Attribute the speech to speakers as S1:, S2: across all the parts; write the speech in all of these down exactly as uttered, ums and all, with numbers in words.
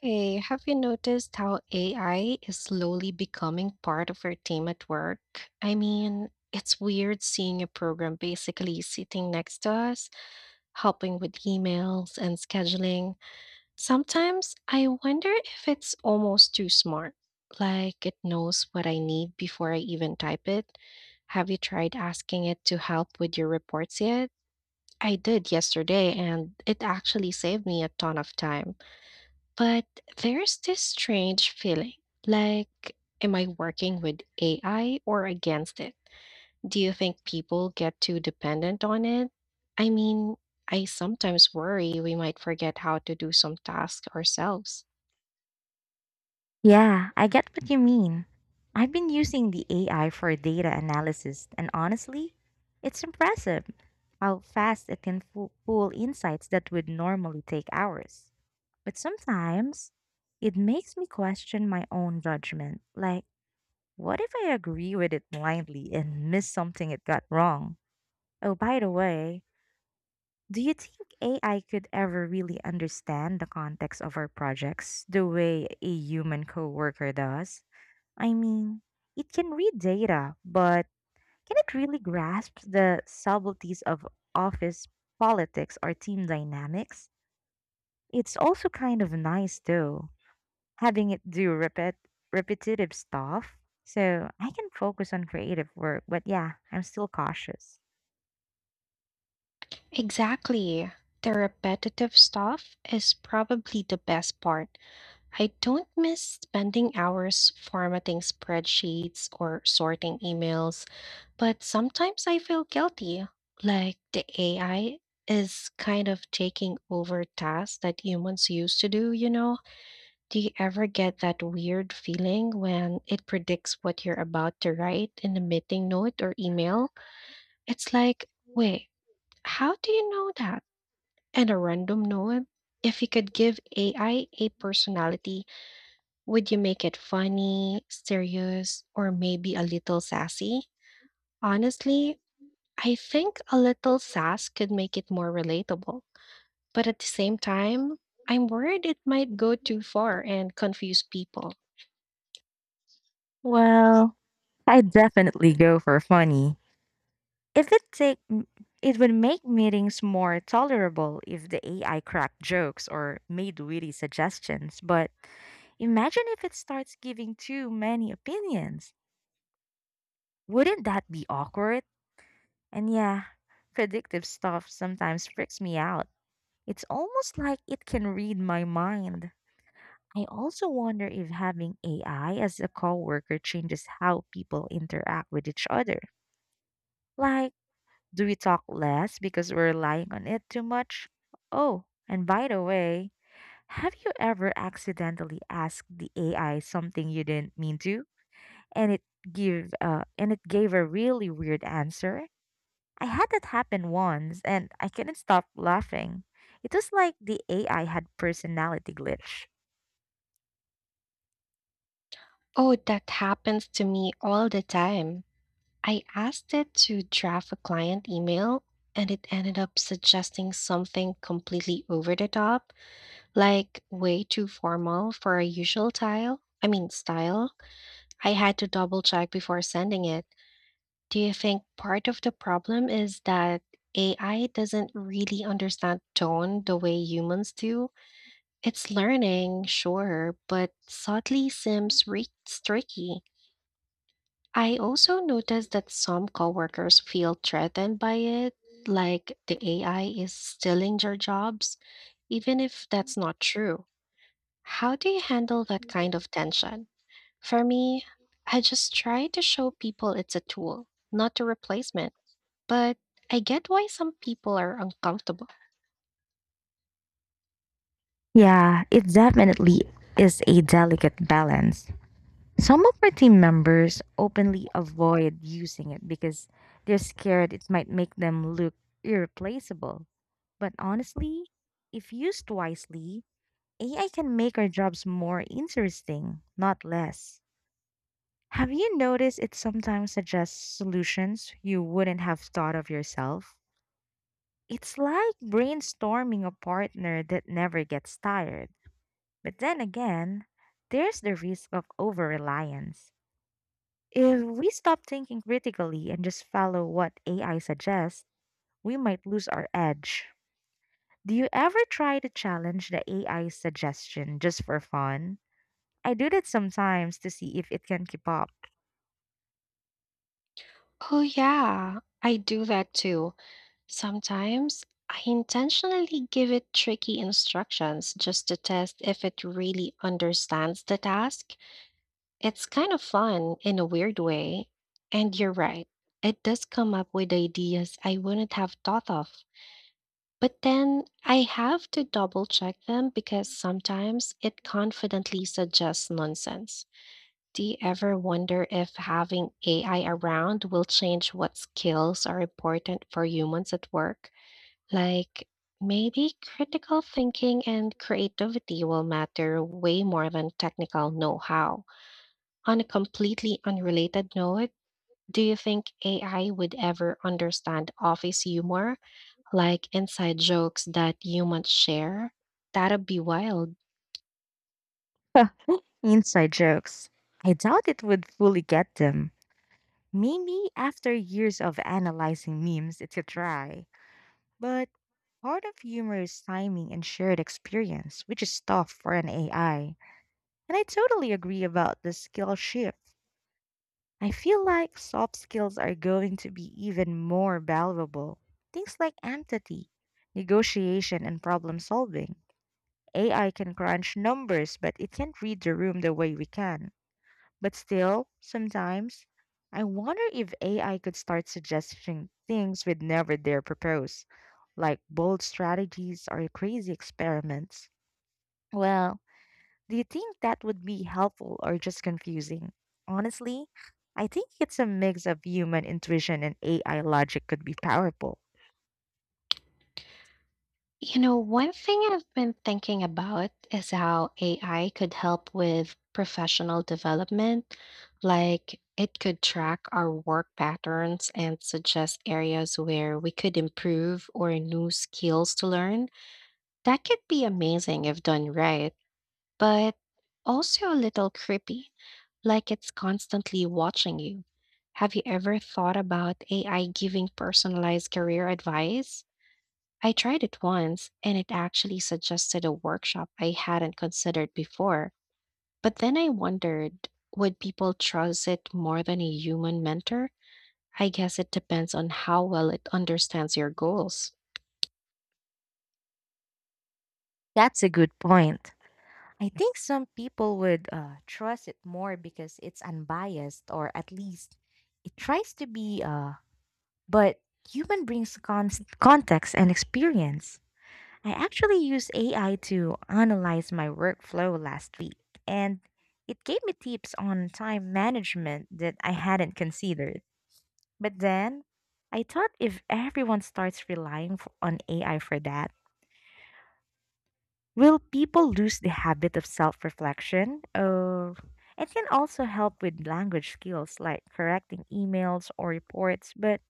S1: Hey, have you noticed how A I is slowly becoming part of our team at work? I mean, it's weird seeing a program basically sitting next to us, helping with emails and scheduling. Sometimes I wonder if it's almost too smart, like it knows what I need before I even type it. Have you tried asking it to help with your reports yet? I did yesterday, and it actually saved me a ton of time. But there's this strange feeling like, am I working with A I or against it? Do you think people get too dependent on it? I mean, I sometimes worry we might forget how to do some tasks ourselves.
S2: Yeah, I get what you mean. I've been using the A I for data analysis, and honestly, it's impressive how fast it can fo- pull insights that would normally take hours. But sometimes it makes me question my own judgment. Like, what if I agree with it blindly and miss something it got wrong? Oh, by the way, do you think A I could ever really understand the context of our projects the way a human coworker does? I mean, it can read data, but can it really grasp the subtleties of office politics or team dynamics? It's also kind of nice, though, having it do repet- repetitive stuff. So I can focus on creative work, but yeah, I'm still cautious.
S1: Exactly. The repetitive stuff is probably the best part. I don't miss spending hours formatting spreadsheets or sorting emails, but sometimes I feel guilty, like the A I is kind of taking over tasks that humans used to do, you know? Do you ever get that weird feeling when it predicts what you're about to write in a meeting note or email? It's like, wait, how do you know that? And a random note? If you could give A I a personality, would you make it funny, serious, or maybe a little sassy? Honestly, I think a little sass could make it more relatable. But at the same time, I'm worried it might go too far and confuse people.
S2: Well, I definitely go for funny. It would take m- it would make meetings more tolerable if the A I cracked jokes or made witty suggestions, but imagine if it starts giving too many opinions. Wouldn't that be awkward? And yeah, predictive stuff sometimes freaks me out. It's almost like it can read my mind. I also wonder if having A I as a coworker changes how people interact with each other. Like, do we talk less because we're relying on it too much? Oh, and by the way, have you ever accidentally asked the A I something you didn't mean to and it give uh, and it gave a really weird answer? I had that happen once and I couldn't stop laughing. It was like the A I had personality glitch.
S1: Oh, that happens to me all the time. I asked it to draft a client email and it ended up suggesting something completely over the top, like way too formal for our usual tile. I mean, style. I had to double check before sending it. Do you think part of the problem is that A I doesn't really understand tone the way humans do? It's learning, sure, but subtly seems re- tricky. I also noticed that some coworkers feel threatened by it, like the A I is stealing their jobs, even if that's not true. How do you handle that kind of tension? For me, I just try to show people it's a tool, not a replacement. But I get why some people are uncomfortable.
S2: Yeah, it definitely is a delicate balance. Some of our team members openly avoid using it because they're scared it might make them look irreplaceable. But honestly, if used wisely, A I can make our jobs more interesting, not less. Have you noticed it sometimes suggests solutions you wouldn't have thought of yourself? It's like brainstorming a partner that never gets tired. But then again, there's the risk of over reliance. If we stop thinking critically and just follow what A I suggests, we might lose our edge. Do you ever try to challenge the A I suggestion just for fun? I do that sometimes to see if it can keep up.
S1: Oh, yeah, I do that too. Sometimes I intentionally give it tricky instructions just to test if it really understands the task. It's kind of fun in a weird way. And you're right, it does come up with ideas I wouldn't have thought of. But then I have to double check them because sometimes it confidently suggests nonsense. Do you ever wonder if having A I around will change what skills are important for humans at work? Like maybe critical thinking and creativity will matter way more than technical know how. On a completely unrelated note, do you think A I would ever understand office humor? Like inside jokes that you might share. That'd be wild.
S2: Inside jokes. I doubt it would fully get them. Maybe after years of analyzing memes, it's a try. But part of humor is timing and shared experience, which is tough for an A I. And I totally agree about the skill shift. I feel like soft skills are going to be even more valuable. Things like empathy, negotiation, and problem solving. A I can crunch numbers, but it can't read the room the way we can. But still, sometimes, I wonder if A I could start suggesting things we'd never dare propose, like bold strategies or crazy experiments. Well, do you think that would be helpful or just confusing? Honestly, I think it's a mix of human intuition and A I logic could be powerful.
S1: You know, one thing I've been thinking about is how A I could help with professional development. Like, it could track our work patterns and suggest areas where we could improve or new skills to learn. That could be amazing if done right, but also a little creepy, like it's constantly watching you. Have you ever thought about A I giving personalized career advice? I tried it once and it actually suggested a workshop I hadn't considered before. But then I wondered, would people trust it more than a human mentor? I guess it depends on how well it understands your goals.
S2: That's a good point. I think some people would uh, trust it more because it's unbiased, or at least it tries to be. Uh, but human brings con- context and experience. I actually used A I to analyze my workflow last week, and it gave me tips on time management that I hadn't considered. But then I thought if everyone starts relying f- on A I for that, will people lose the habit of self reflection? Or it can also help with language skills like correcting emails or reports, but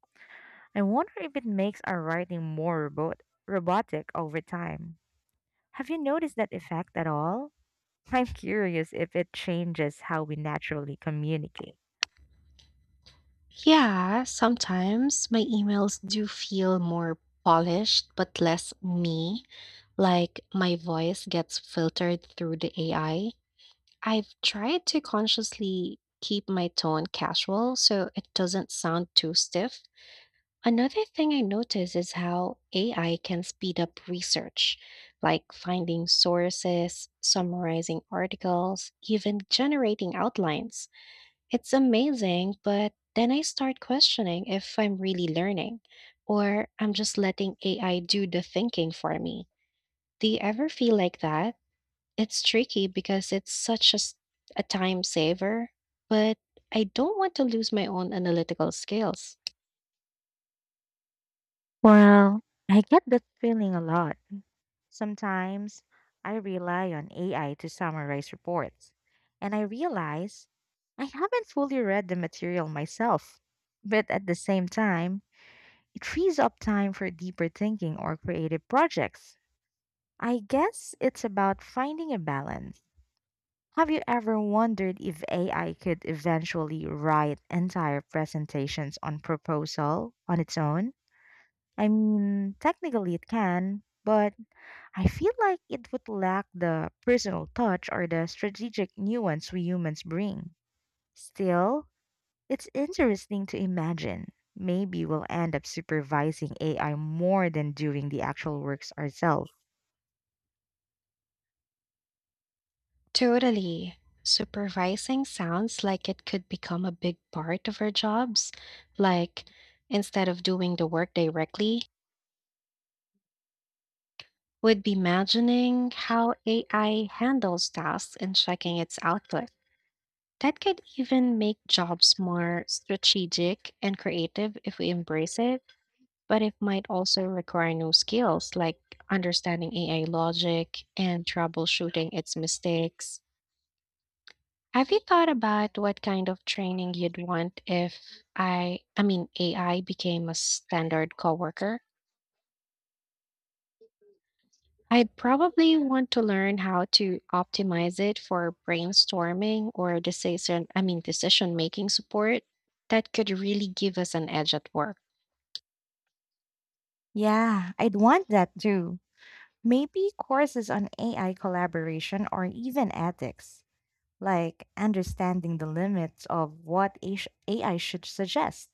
S2: I wonder if it makes our writing more robot- robotic over time. Have you noticed that effect at all? I'm curious if it changes how we naturally communicate.
S1: Yeah, sometimes my emails do feel more polished but less me. Like my voice gets filtered through the A I. I've tried to consciously keep my tone casual so it doesn't sound too stiff. Another thing I notice is how A I can speed up research, like finding sources, summarizing articles, even generating outlines. It's amazing, but then I start questioning if I'm really learning or I'm just letting A I do the thinking for me. Do you ever feel like that? It's tricky because it's such a, s- a time saver, but I don't want to lose my own analytical skills.
S2: Well, I get that feeling a lot. Sometimes I rely on A I to summarize reports, and I realize I haven't fully read the material myself. But at the same time, it frees up time for deeper thinking or creative projects. I guess it's about finding a balance. Have you ever wondered if A I could eventually write entire presentations on proposal on its own? I mean, technically it can, but I feel like it would lack the personal touch or the strategic nuance we humans bring. Still, it's interesting to imagine. Maybe we'll end up supervising A I more than doing the actual works ourselves.
S1: Totally. Supervising sounds like it could become a big part of our jobs. Like, instead of doing the work directly, would be imagining how A I handles tasks and checking its output. That could even make jobs more strategic and creative if we embrace it, but it might also require new skills like understanding A I logic and troubleshooting its mistakes. Have you thought about what kind of training you'd want if I I mean A I became a standard coworker? I'd probably want to learn how to optimize it for brainstorming or decision, I mean, decision making support that could really give us an edge at work.
S2: Yeah, I'd want that too. Maybe courses on A I collaboration or even ethics, like understanding the limits of what A I should suggest.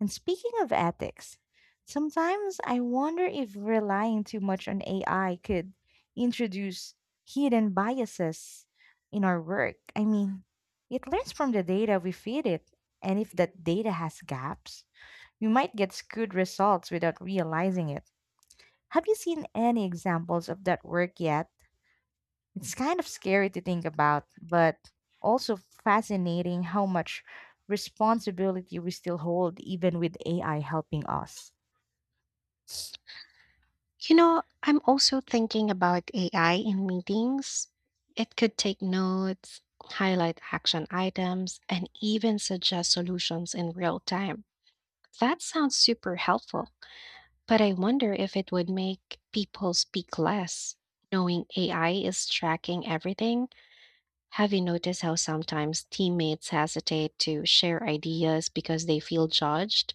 S2: And speaking of ethics, sometimes I wonder if relying too much on A I could introduce hidden biases in our work. I mean, it learns from the data we feed it, and if that data has gaps, we might get skewed results without realizing it. Have you seen any examples of that work yet? It's kind of scary to think about, but also fascinating how much responsibility we still hold, even with A I helping us.
S1: You know, I'm also thinking about A I in meetings. It could take notes, highlight action items, and even suggest solutions in real time. That sounds super helpful, but I wonder if it would make people speak less, knowing A I is tracking everything. Have you noticed how sometimes teammates hesitate to share ideas because they feel judged?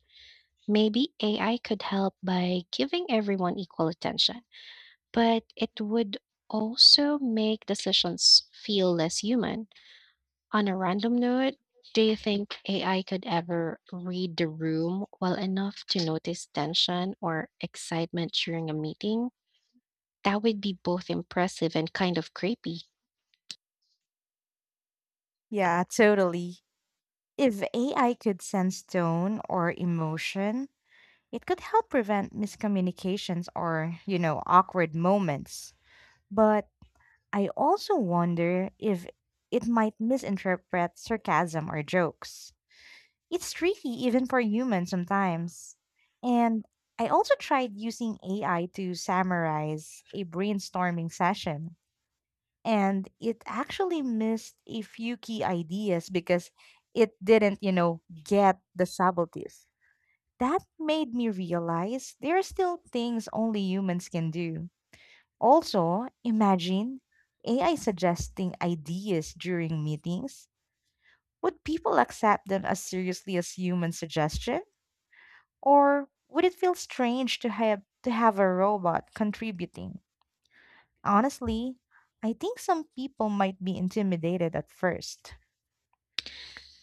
S1: Maybe A I could help by giving everyone equal attention, but it would also make decisions feel less human. On a random note, do you think A I could ever read the room well enough to notice tension or excitement during a meeting? That would be both impressive and kind of creepy.
S2: Yeah, totally. If A I could sense tone or emotion, it could help prevent miscommunications or, you know, awkward moments. But I also wonder if it might misinterpret sarcasm or jokes. It's tricky even for humans sometimes. And I also tried using A I to summarize a brainstorming session, and it actually missed a few key ideas because it didn't, you know, get the subtleties. That made me realize there are still things only humans can do. Also, imagine A I suggesting ideas during meetings. Would people accept them as seriously as human suggestion? Or would it feel strange to have to have a robot contributing? Honestly, I think some people might be intimidated at first.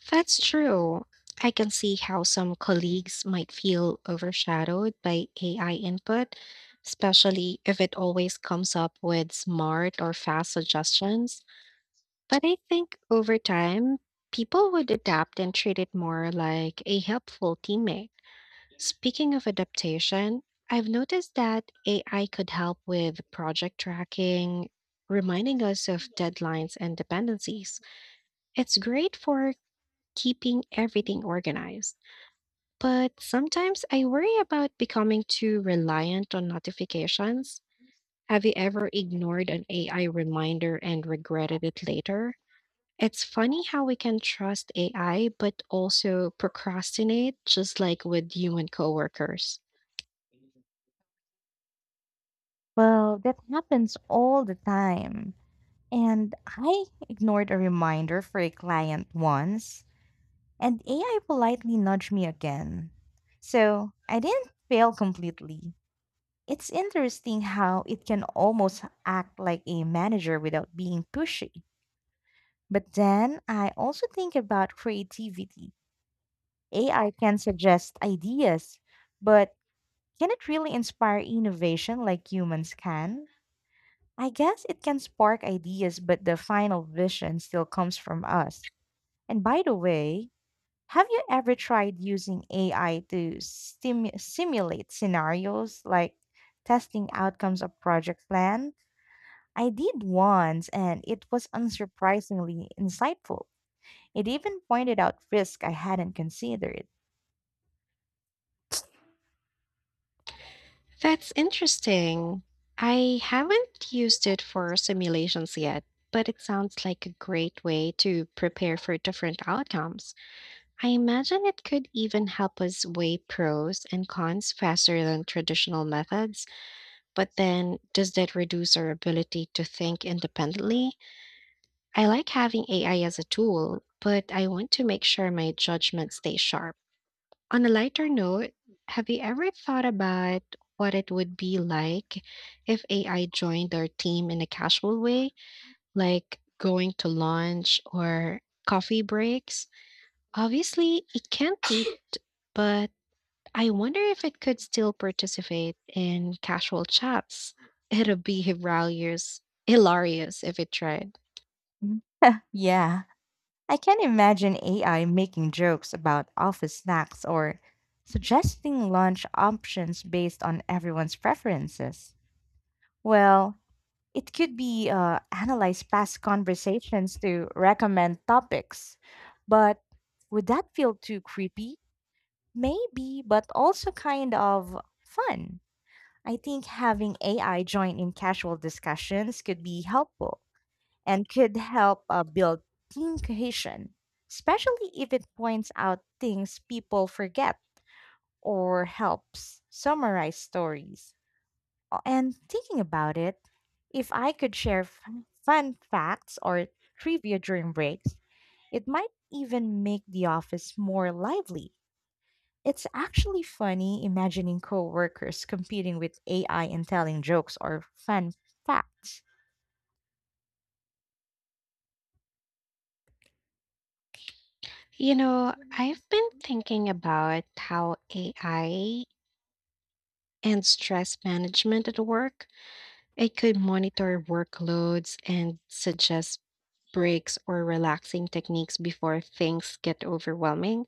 S1: That's true. I can see how some colleagues might feel overshadowed by A I input, especially if it always comes up with smart or fast suggestions. But I think over time, people would adapt and treat it more like a helpful teammate. Speaking of adaptation, I've noticed that A I could help with project tracking, reminding us of deadlines and dependencies. It's great for keeping everything organized. But sometimes I worry about becoming too reliant on notifications. Have you ever ignored an A I reminder and regretted it later? It's funny how we can trust A I but also procrastinate, just like with human coworkers.
S2: Well, that happens all the time. And I ignored a reminder for a client once, and A I politely nudged me again. So I didn't fail completely. It's interesting how it can almost act like a manager without being pushy. But then I also think about creativity. A I can suggest ideas, but can it really inspire innovation like humans can? I guess it can spark ideas, but the final vision still comes from us. And by the way, have you ever tried using A I to stimu- simulate scenarios like testing outcomes of project plan? I did once and it was unsurprisingly insightful. It even pointed out risks I hadn't considered.
S1: That's interesting. I haven't used it for simulations yet, but it sounds like a great way to prepare for different outcomes. I imagine it could even help us weigh pros and cons faster than traditional methods, but then does that reduce our ability to think independently? I like having A I as a tool, but I want to make sure my judgment stays sharp. On a lighter note, have you ever thought about what it would be like if A I joined our team in a casual way, like going to lunch or coffee breaks? Obviously, it can't be but I wonder if it could still participate in casual chats. It'd be hilarious, hilarious if it tried.
S2: Mhm. Yeah, I can imagine A I making jokes about office snacks or suggesting lunch options based on everyone's preferences. Well, it could be uh, analyze past conversations to recommend topics, but would that feel too creepy? Maybe, but also kind of fun. I think having A I join in casual discussions could be helpful and could help uh, build team cohesion, especially if it points out things people forget or helps summarize stories. Uh, And thinking about it, if I could share fun fun facts or trivia during breaks, it might even make the office more lively. It's actually funny imagining coworkers competing with A I and telling jokes or fun facts.
S1: You know, I've been thinking about how A I and stress management at work, it could monitor workloads and suggest breaks or relaxing techniques before things get overwhelming.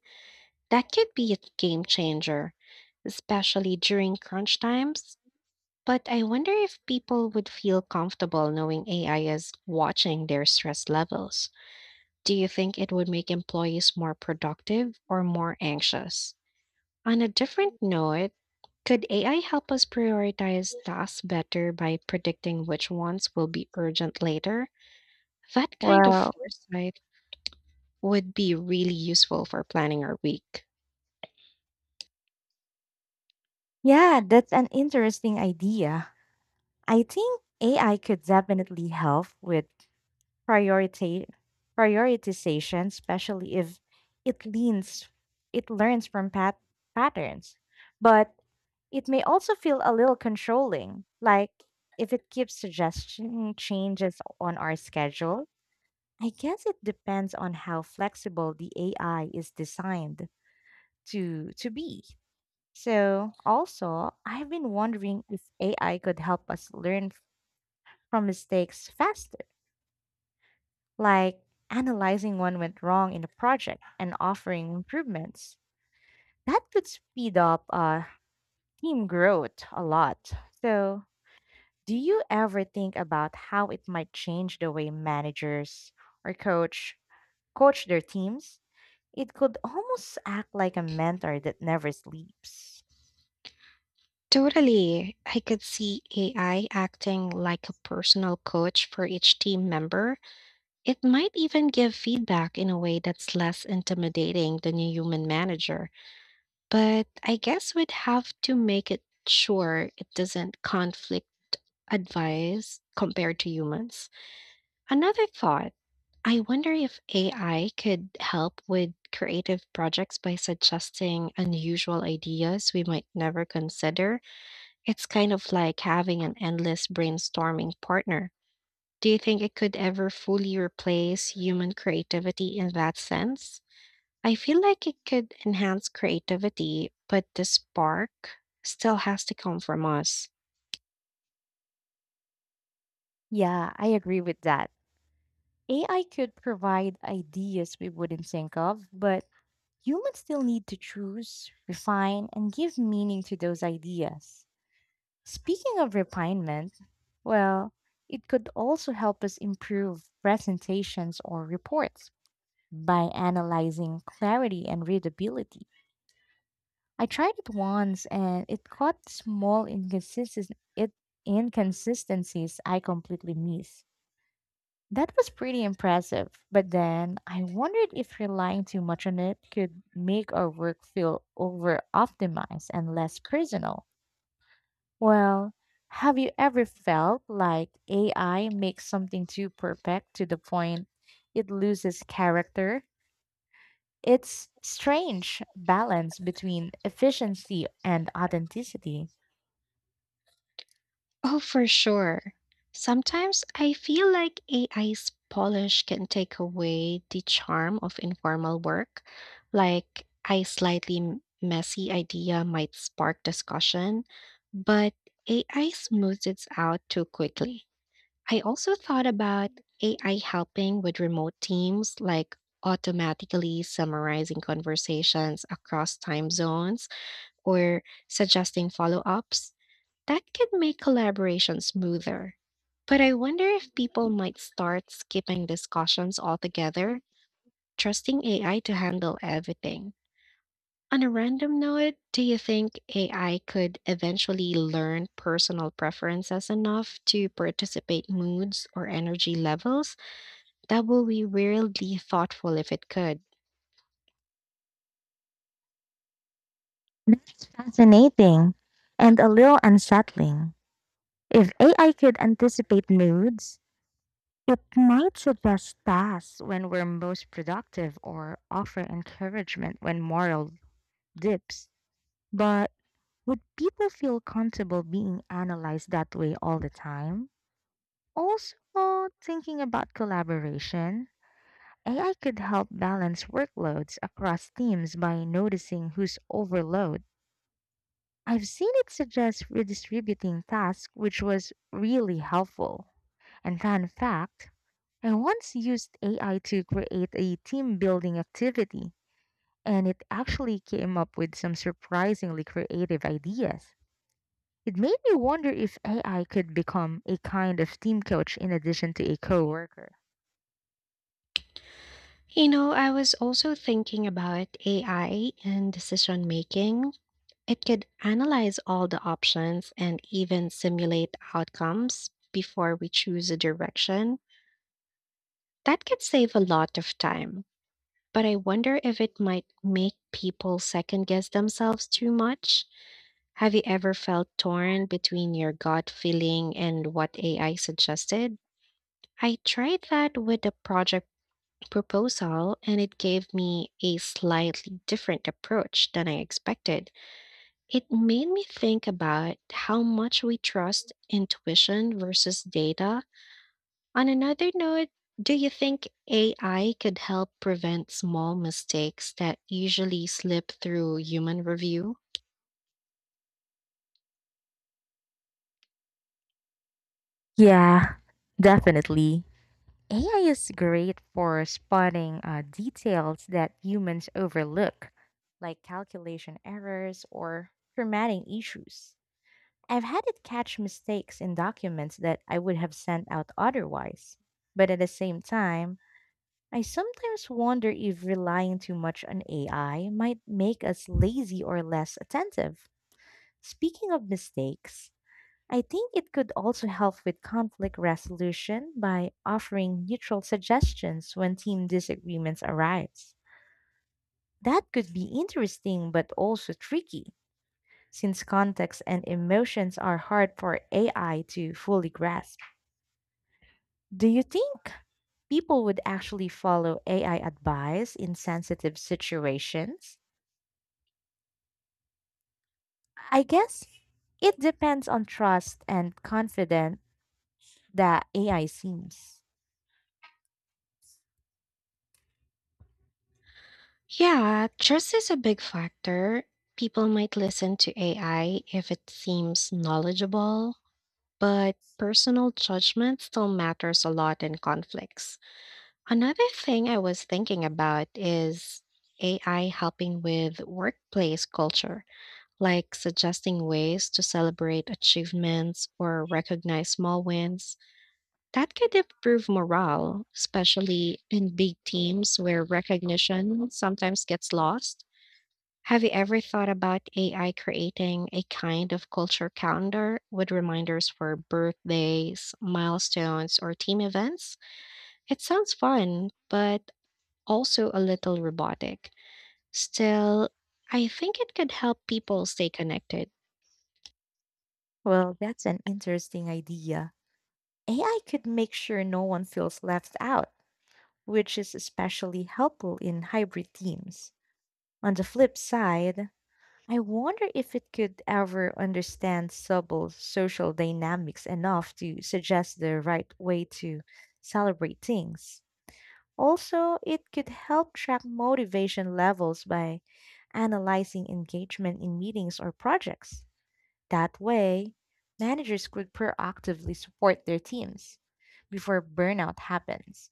S1: That could be a game changer, especially during crunch times. But I wonder if people would feel comfortable knowing A I is watching their stress levels. Do you think it would make employees more productive or more anxious? On a different note, could A I help us prioritize tasks better by predicting which ones will be urgent later? That kind of foresight would be really useful for planning our week.
S2: Yeah, that's an interesting idea. I think A I could definitely help with priority prioritization, especially if it leans it learns from pat- patterns. But it may also feel a little controlling, like if it keeps suggesting changes on our schedule. I guess it depends on how flexible the A I is designed to to be. So also, I've been wondering if A I could help us learn from mistakes faster like analyzing what went wrong in the project and offering improvements. That could speed up uh, team growth a lot. So, do you ever think about how it might change the way managers or coach coach their teams? It could almost act like a mentor that never sleeps.
S1: Totally. I could see A I acting like a personal coach for each team member. It might even give feedback in a way that's less intimidating than a human manager, but I guess we'd have to make it sure it doesn't conflict advice compared to humans. Another thought, I wonder if A I could help with creative projects by suggesting unusual ideas we might never consider. It's kind of like having an endless brainstorming partner. Do you think it could ever fully replace human creativity in that sense? I feel like it could enhance creativity, but the spark still has to come from us.
S2: Yeah, I agree with that. A I could provide ideas we wouldn't think of, but humans still need to choose, refine, and give meaning to those ideas. Speaking of refinement, well, it could also help us improve presentations or reports by analyzing clarity and readability. I tried it once and it caught small inconsistencies, it, inconsistencies I completely missed. That was pretty impressive, but then I wondered if relying too much on it could make our work feel over optimized and less personal. Well, have you ever felt like A I makes something too perfect to the point it loses character? It's strange balance between efficiency and authenticity.
S1: Oh, for sure. Sometimes I feel like A I's polish can take away the charm of informal work. Like a slightly m- messy idea might spark discussion, but A I smooths it out too quickly. I also thought about A I helping with remote teams, like automatically summarizing conversations across time zones or suggesting follow ups. That could make collaboration smoother. But I wonder if people might start skipping discussions altogether, trusting A I to handle everything. On a random note, do you think A I could eventually learn personal preferences enough to participate moods or energy levels? That would be weirdly thoughtful if it could.
S2: That's fascinating and a little unsettling. If A I could anticipate moods, it might suggest tasks when we're most productive or offer encouragement when morale dips. But would people feel comfortable being analyzed that way all the time? Also, thinking about collaboration, A I could help balance workloads across teams by noticing who's overloaded. I've seen it suggest redistributing tasks, which was really helpful. And fun fact, I once used A I to create a team building activity, and it actually came up with some surprisingly creative ideas. It made me wonder if A I could become a kind of team coach in addition to a coworker.
S1: You know, I was also thinking about A I and decision making. It could analyze all the options and even simulate outcomes before we choose a direction. That could save a lot of time. But I wonder if it might make people second guess themselves too much. Have you ever felt torn between your gut feeling and what A I suggested? I tried that with a project proposal and it gave me a slightly different approach than I expected. It made me think about how much we trust intuition versus data. On another note, do you think A I could help prevent small mistakes that usually slip through human review?
S2: Yeah, definitely. A I is great for spotting uh, details that humans overlook, like calculation errors or formatting issues. I've had it catch mistakes in documents that I would have sent out otherwise. But at the same time, I sometimes wonder if relying too much on A I might make us lazy or less attentive. Speaking of mistakes, I think it could also help with conflict resolution by offering neutral suggestions when team disagreements arise. That could be interesting but also tricky since context and emotions are hard for A I to fully grasp. Do you think people would actually follow A I advice in sensitive situations? I guess it depends on trust and confidence that A I seems.
S1: Yeah, trust is a big factor. People might listen to A I if it seems knowledgeable, but personal judgment still matters a lot in conflicts. Another thing I was thinking about is A I helping with workplace culture. Like suggesting ways to celebrate achievements or recognize small wins. That could improve morale, especially in big teams where recognition sometimes gets lost. Have you ever thought about A I creating a kind of culture calendar with reminders for birthdays, milestones, or team events? It sounds fun, but also a little robotic. Still, I think it could help people stay connected.
S2: Well, that's an interesting idea. A I could make sure no one feels left out, which is especially helpful in hybrid teams. On the flip side, I wonder if it could ever understand subtle social dynamics enough to suggest the right way to celebrate things. Also, it could help track motivation levels by analyzing engagement in meetings or projects. That way, managers could proactively support their teams before burnout happens.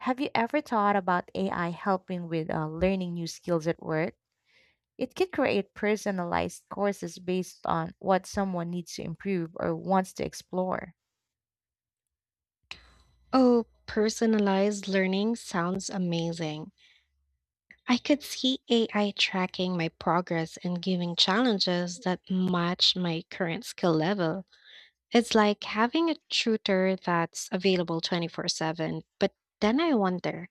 S2: Have you ever thought about A I helping with uh, learning new skills at work? It can create personalized courses based on what someone needs to improve or wants to explore.
S1: Oh, personalized learning sounds amazing. I could see A I tracking my progress and giving challenges that match my current skill level. It's like having a tutor that's available twenty-four seven. But then I wonder,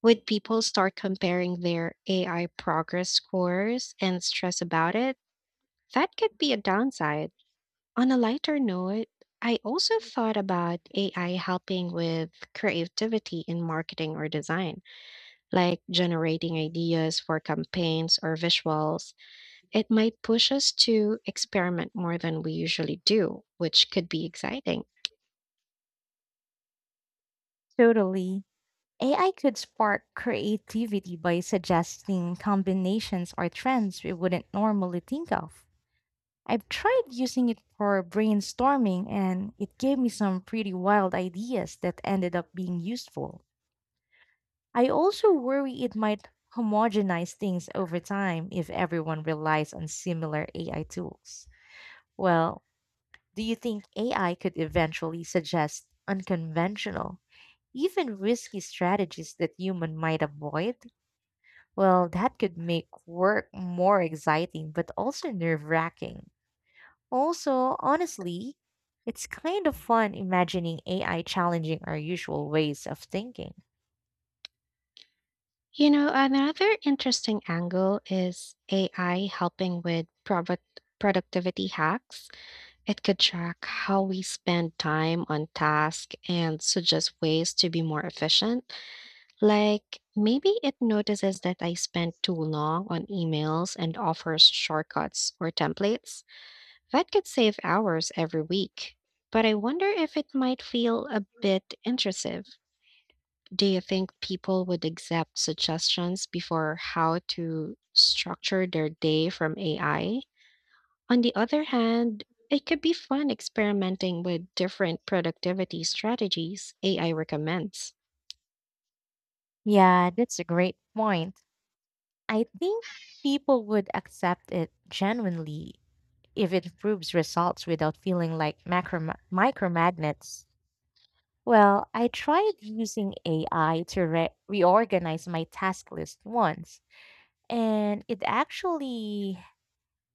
S1: would people start comparing their A I progress scores and stress about it? That could be a downside. On a lighter note, I also thought about A I helping with creativity in marketing or design, like generating ideas for campaigns or visuals. It might push us to experiment more than we usually do, which could be exciting.
S2: Totally. A I could spark creativity by suggesting combinations or trends we wouldn't normally think of. I've tried using it for brainstorming and it gave me some pretty wild ideas that ended up being useful. I also worry it might homogenize things over time if everyone relies on similar A I tools. Well, do you think A I could eventually suggest unconventional, even risky strategies that human might avoid? Well, that could make work more exciting but also nerve-wracking. Also, honestly, it's kind of fun imagining A I challenging our usual ways of thinking.
S1: You know, another interesting angle is A I helping with product productivity hacks. It could track how we spend time on tasks and suggest ways to be more efficient. Like, maybe it notices that I spent too long on emails and offers shortcuts or templates. That could save hours every week. But I wonder if it might feel a bit intrusive. Do you think people would accept suggestions before how to structure their day from A I? On the other hand, it could be fun experimenting with different productivity strategies A I recommends.
S2: Yeah, that's a great point. I think people would accept it genuinely if it improves results without feeling like macro micromagnets. Well, I tried using A I to re- reorganize my task list once, and it actually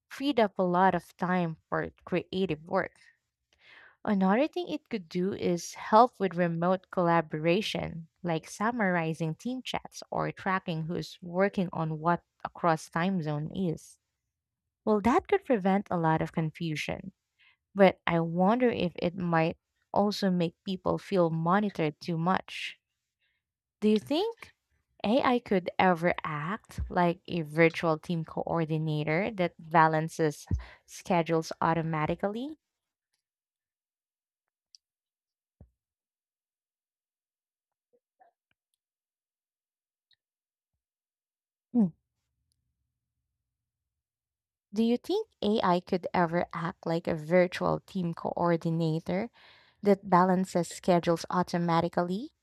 S2: freed up a lot of time for creative work. Another thing it could do is help with remote collaboration, like summarizing team chats or tracking who's working on what across time zone is. Well, that could prevent a lot of confusion, but I wonder if it might also make people feel monitored too much. Do you think A I could ever act like a virtual team coordinator that balances schedules automatically? Mm. Do you think A I could ever act like a virtual team coordinator that balances schedules automatically?